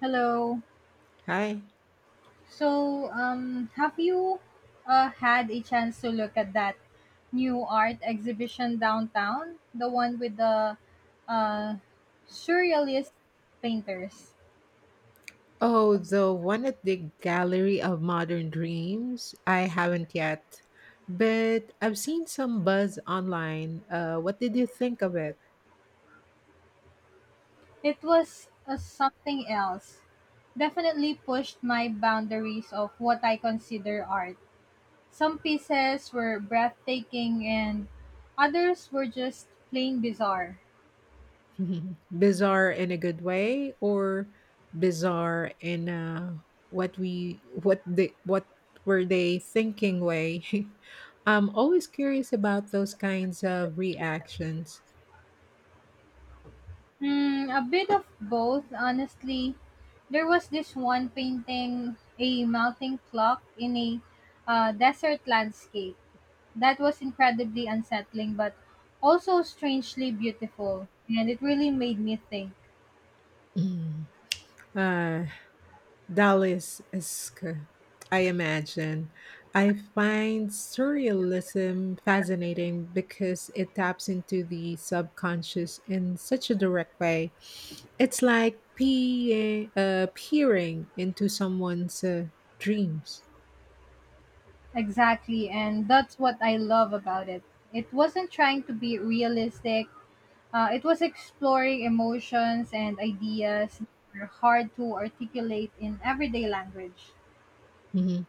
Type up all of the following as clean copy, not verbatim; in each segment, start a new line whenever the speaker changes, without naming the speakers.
Hello.
Hi.
So have you had a chance to look at that new art exhibition downtown? The one with the uh, surrealist painters.
Oh, the one at the Gallery of Modern Dreams? I haven't yet, but I've seen some buzz online. What did you think of it?
It was something else. Definitely pushed my boundaries of what I consider art. Some pieces were breathtaking, and others were just plain bizarre.
Bizarre in a good way, or bizarre in a what we what the what were they thinking way? I'm always curious about those kinds of reactions.
Hmm, a bit of both, honestly. There was this one painting, a melting clock in a desert landscape. That was incredibly unsettling, but also strangely beautiful. And it really made me think.
Mm, uh, Dallas esque, I imagine. I find surrealism fascinating because it taps into the subconscious in such a direct way. It's like peering into someone's dreams.
Exactly, and that's what I love about it. It wasn't trying to be realistic. It was exploring emotions and ideas that are hard to articulate in everyday language.
Mhm.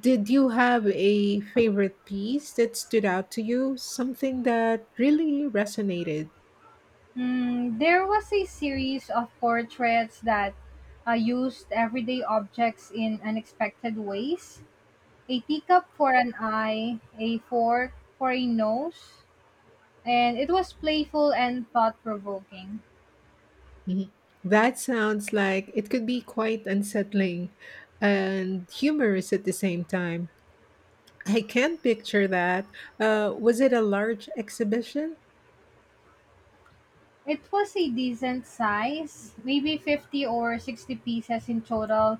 Did you have a favorite piece that stood out to you? Something that really resonated?
Mm, there was a series of portraits that used everyday objects in unexpected ways, a teacup for an eye, a fork for a nose, and it was playful and thought provoking.
Mhm. That sounds like it could be quite unsettling and humorous at the same time. I can picture that. Was it a large exhibition?
It was a decent size, maybe 50 or 60 pieces in total,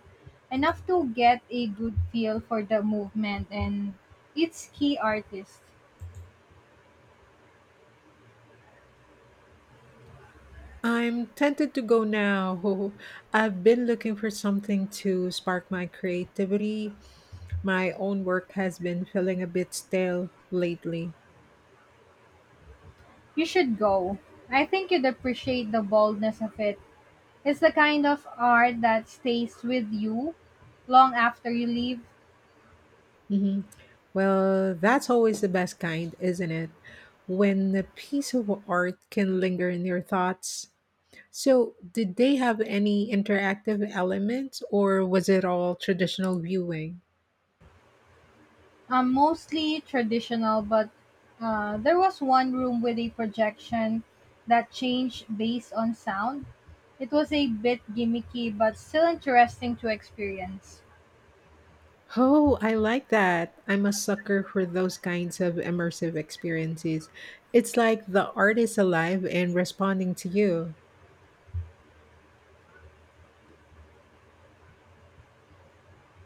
enough to get a good feel for the movement and its key artist.
I'm tempted to go now. I've been looking for something to spark my creativity. My own work has been feeling a bit stale lately.
You should go. I think you'd appreciate the boldness of it. It's the kind of art that stays with you long after you leave.
Hmm. Well, that's always the best kind, isn't it? When a piece of art can linger in your thoughts. So, did they have any interactive elements, or was it all traditional viewing?
Mostly traditional, but there was one room with a projection that changed based on sound. It was a bit gimmicky, but still interesting to experience.
Oh, I like that. I'm a sucker for those kinds of immersive experiences. It's like the art is alive and responding to you.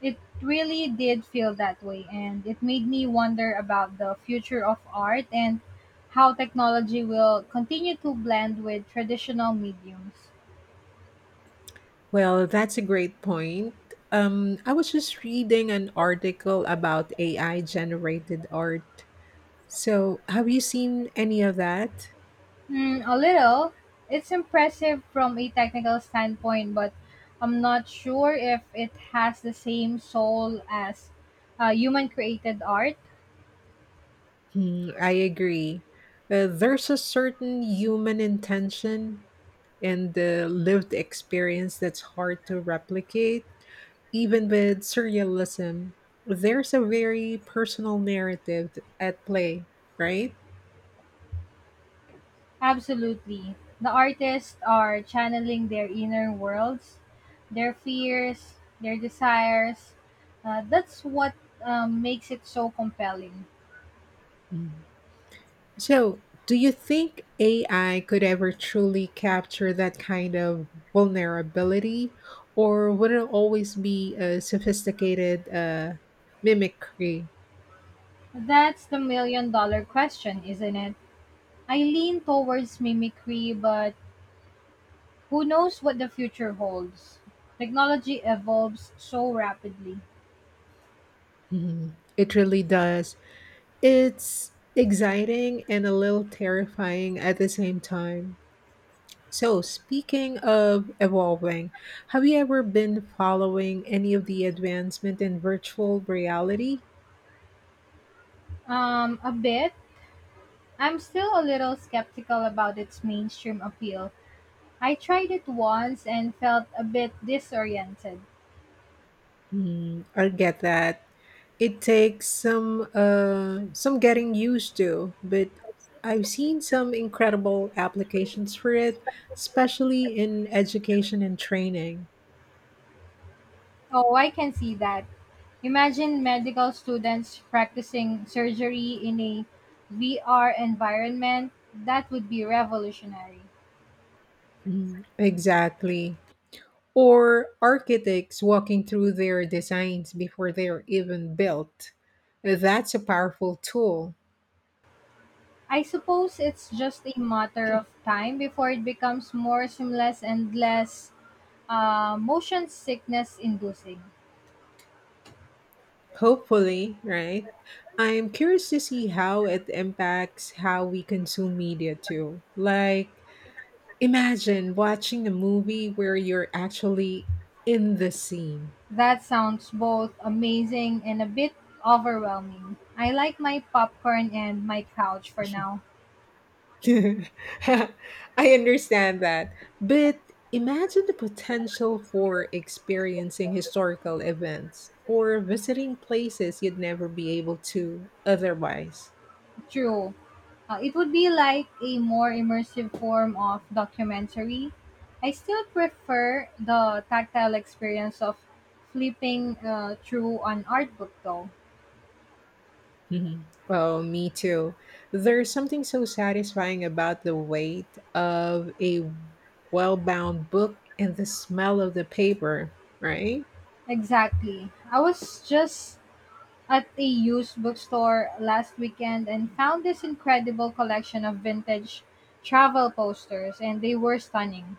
It really did feel that way, and it made me wonder about the future of art and how technology will continue to blend with traditional mediums.
Well, that's a great point. I was just reading an article about AI generated art. So, have you seen any of that?
Mm, a little. It's impressive from a technical standpoint, but I'm not sure if it has the same soul as human created art.
Hmm, I agree. There's a certain human intention and the lived experience that's hard to replicate. Even with surrealism, there's a very personal narrative at play, right?
Absolutely. The artists are channeling their inner worlds, their fears, their desires. That's what makes it so compelling.
Mm. So, do you think AI could ever truly capture that kind of vulnerability, or would it always be a sophisticated mimicry?
That's the million dollar question, isn't it? I lean towards mimicry, but who knows what the future holds? Technology evolves so rapidly.
Mhm. It really does. It's exciting and a little terrifying at the same time. So, speaking of evolving, have you ever been following any of the advancement in virtual reality?
A bit. I'm still a little skeptical about its mainstream appeal. I tried it once and felt a bit disoriented.
Hmm, I get that. It takes some getting used to, but I've seen some incredible applications for it, especially in education and training.
Oh, I can see that. Imagine medical students practicing surgery in a VR environment. That would be revolutionary.
Mm, exactly. Or architects walking through their designs before they're even built. That's a powerful tool.
I suppose it's just a matter of time before it becomes more seamless and less motion sickness inducing.
Hopefully, right? I'm curious to see how it impacts how we consume media too. Like, imagine watching a movie where you're actually in the scene.
That sounds both amazing and a bit overwhelming. I like my popcorn and my couch for now.
I understand that. But imagine the potential for experiencing historical events or visiting places you'd never be able to otherwise.
True. It would be like a more immersive form of documentary. I still prefer the tactile experience of flipping through an art book though.
Mhm. Oh, me too. There's something so satisfying about the weight of a well bound book and the smell of the paper, right?
Exactly. I was just at a used bookstore last weekend and found this incredible collection of vintage travel posters and they were stunning.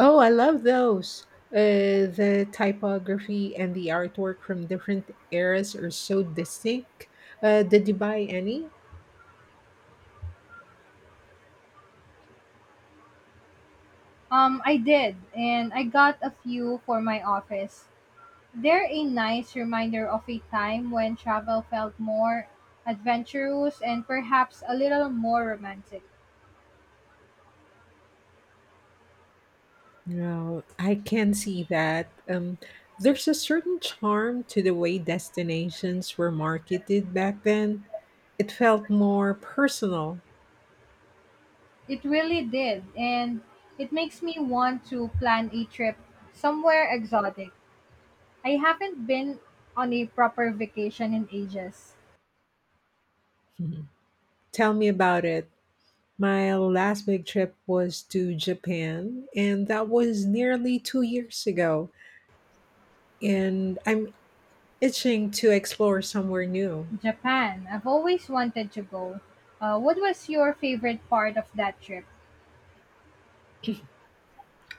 Oh, I love those. The typography and the artwork from different eras are so distinct. Did you buy any?
I did and I got a few for my office. They're a nice reminder of a time when travel felt more adventurous and perhaps a little more romantic.
No, I can see that. There's a certain charm to the way destinations were marketed back then. It felt more personal.
It really did and it makes me want to plan a trip somewhere exotic. I haven't been on a proper vacation in ages.
Mhm. Tell me about it. My last big trip was to Japan, and that was nearly 2 years ago. And I'm itching to explore somewhere new.
Japan, I've always wanted to go. What was your favorite part of that trip?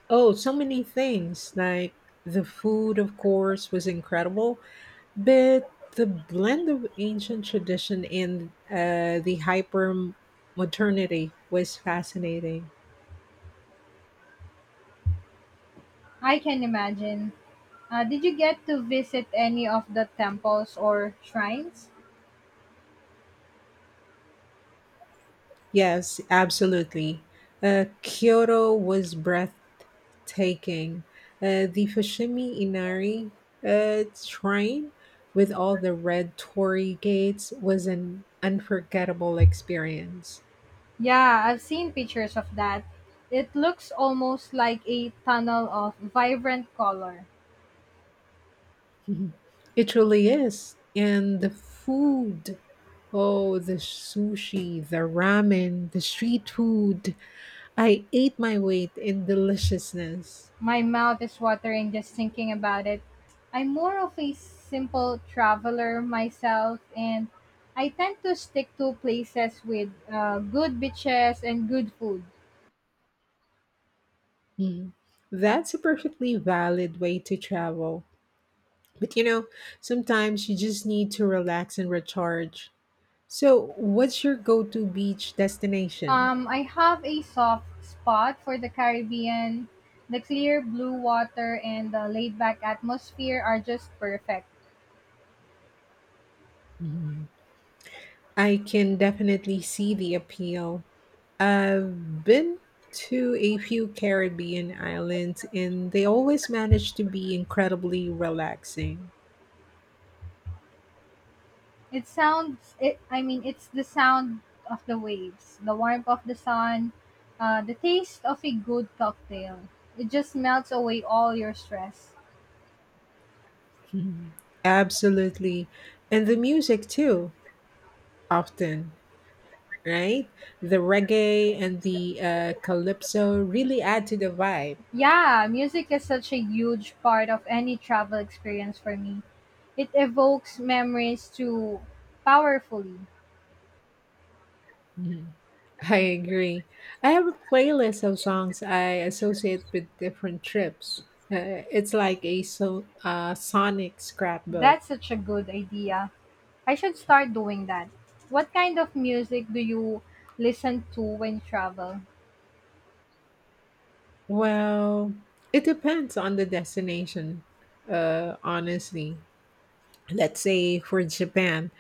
Oh, so many things. Like the food, of course, was incredible, but the blend of ancient tradition and the hyper modernity was fascinating.
I can imagine. Did you get to visit any of the temples or shrines?
Yes, absolutely. Kyoto was breathtaking. The Fushimi Inari shrine with all the red torii gates was an unforgettable experience.
Yeah, I've seen pictures of that. It looks almost like a tunnel of vibrant color.
Mhm. It really is. And the food. Oh, the sushi, the ramen, the street food. I ate my weight in deliciousness.
My mouth is watering just thinking about it. I'm more of a simple traveler myself, and I tend to stick to places with good beaches and good food.
Mhm. That's a perfectly valid way to travel. But you know, sometimes you just need to relax and recharge. So, what's your go to beach destination?
I have a soft spot for the Caribbean. The clear blue water and the laid back atmosphere are just perfect.
Mhm. I can definitely see the appeal. I've been to a few Caribbean islands, and they always manage to be incredibly relaxing.
It sounds it I mean it's the sound of the waves, the warmth of the sun, the taste of a good cocktail. It just melts away all your stress.
Mhm. Absolutely. And the music too, often, right? The reggae and the calypso really add to the vibe.
Yeah, music is such a huge part of any travel experience for me. It evokes memories too powerfully.
Mm-hmm. I agree. I have a playlist of songs I associate with different trips. It's like a sonic scrapbook.
That's such a good idea. I should start doing that. What kind of music do you listen to when you travel?
Well, it depends on the destination, honestly. Let's say for Japan,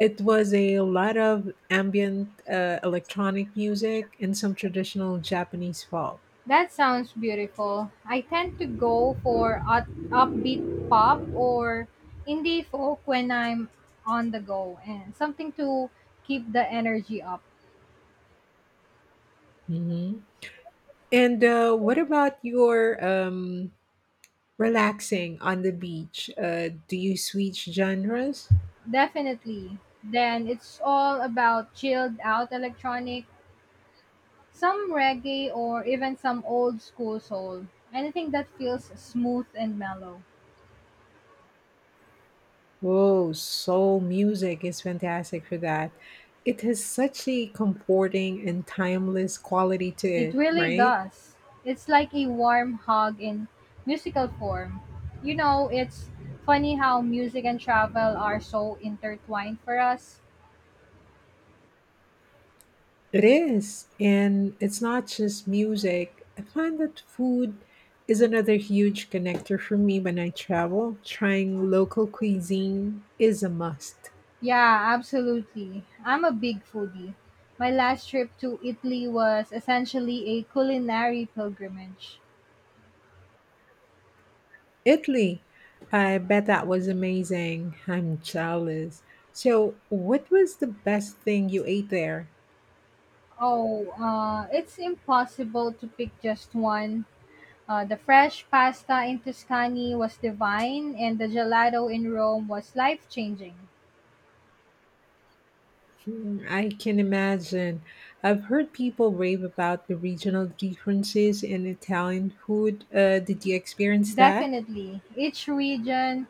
it was a lot of ambient electronic music and some traditional Japanese folk.
That sounds beautiful. I tend to go for upbeat pop or indie folk when I'm on the go and something to keep the energy up.
Hmm. And what about your relaxing on the beach. Do you switch genres?
Definitely. Then it's all about chilled out electronic, some reggae or even some old school soul. Anything that feels smooth and mellow.
Whoa, soul music is fantastic for that. It has such a comforting and timeless quality to
It
it,
really
right?
does. It's like a warm hug in musical form. You know, it's funny how music and travel are so intertwined for us.
It is. And it's not just music. I find that food is another huge connector for me when I travel. Trying local cuisine is a must.
Yeah, absolutely. I'm a big foodie. My last trip to Italy was essentially a culinary pilgrimage.
Italy. I bet that was amazing. I'm jealous. So, what was the best thing you ate there?
Oh, it's impossible to pick just one. The fresh pasta in Tuscany was divine, and the gelato in Rome was life changing.
Hmm, I can imagine. I've heard people rave about the regional differences in Italian food. Did you experience that?
Definitely. Each region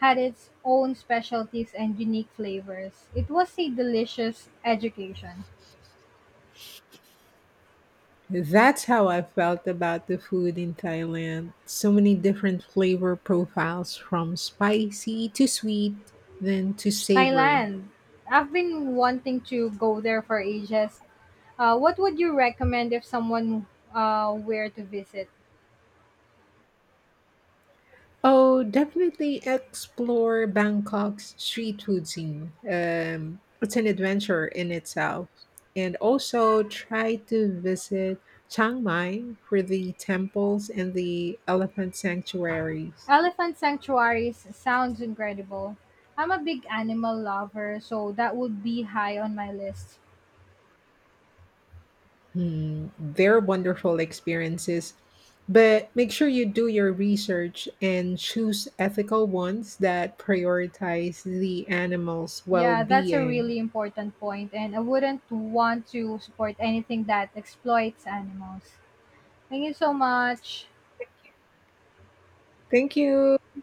had its own specialties and unique flavors. It was a delicious education.
That's how I felt about the food in Thailand. So many different flavor profiles from spicy to sweet, then to savory.
Thailand. I've been wanting to go there for ages. What would you recommend if someone were to visit?
Oh, definitely explore Bangkok's street food scene. It's an adventure in itself. And also try to visit Chiang Mai for the temples and the elephant sanctuaries.
Elephant sanctuaries sounds incredible. I'm a big animal lover, so that would be high on my list.
Hmm, they're wonderful experiences. But make sure you do your research and choose ethical ones that prioritize the animal's well
Yeah, that's a
being.
really important point, and I wouldn't want to support anything that exploits animals. Thank you so much.
Thank you.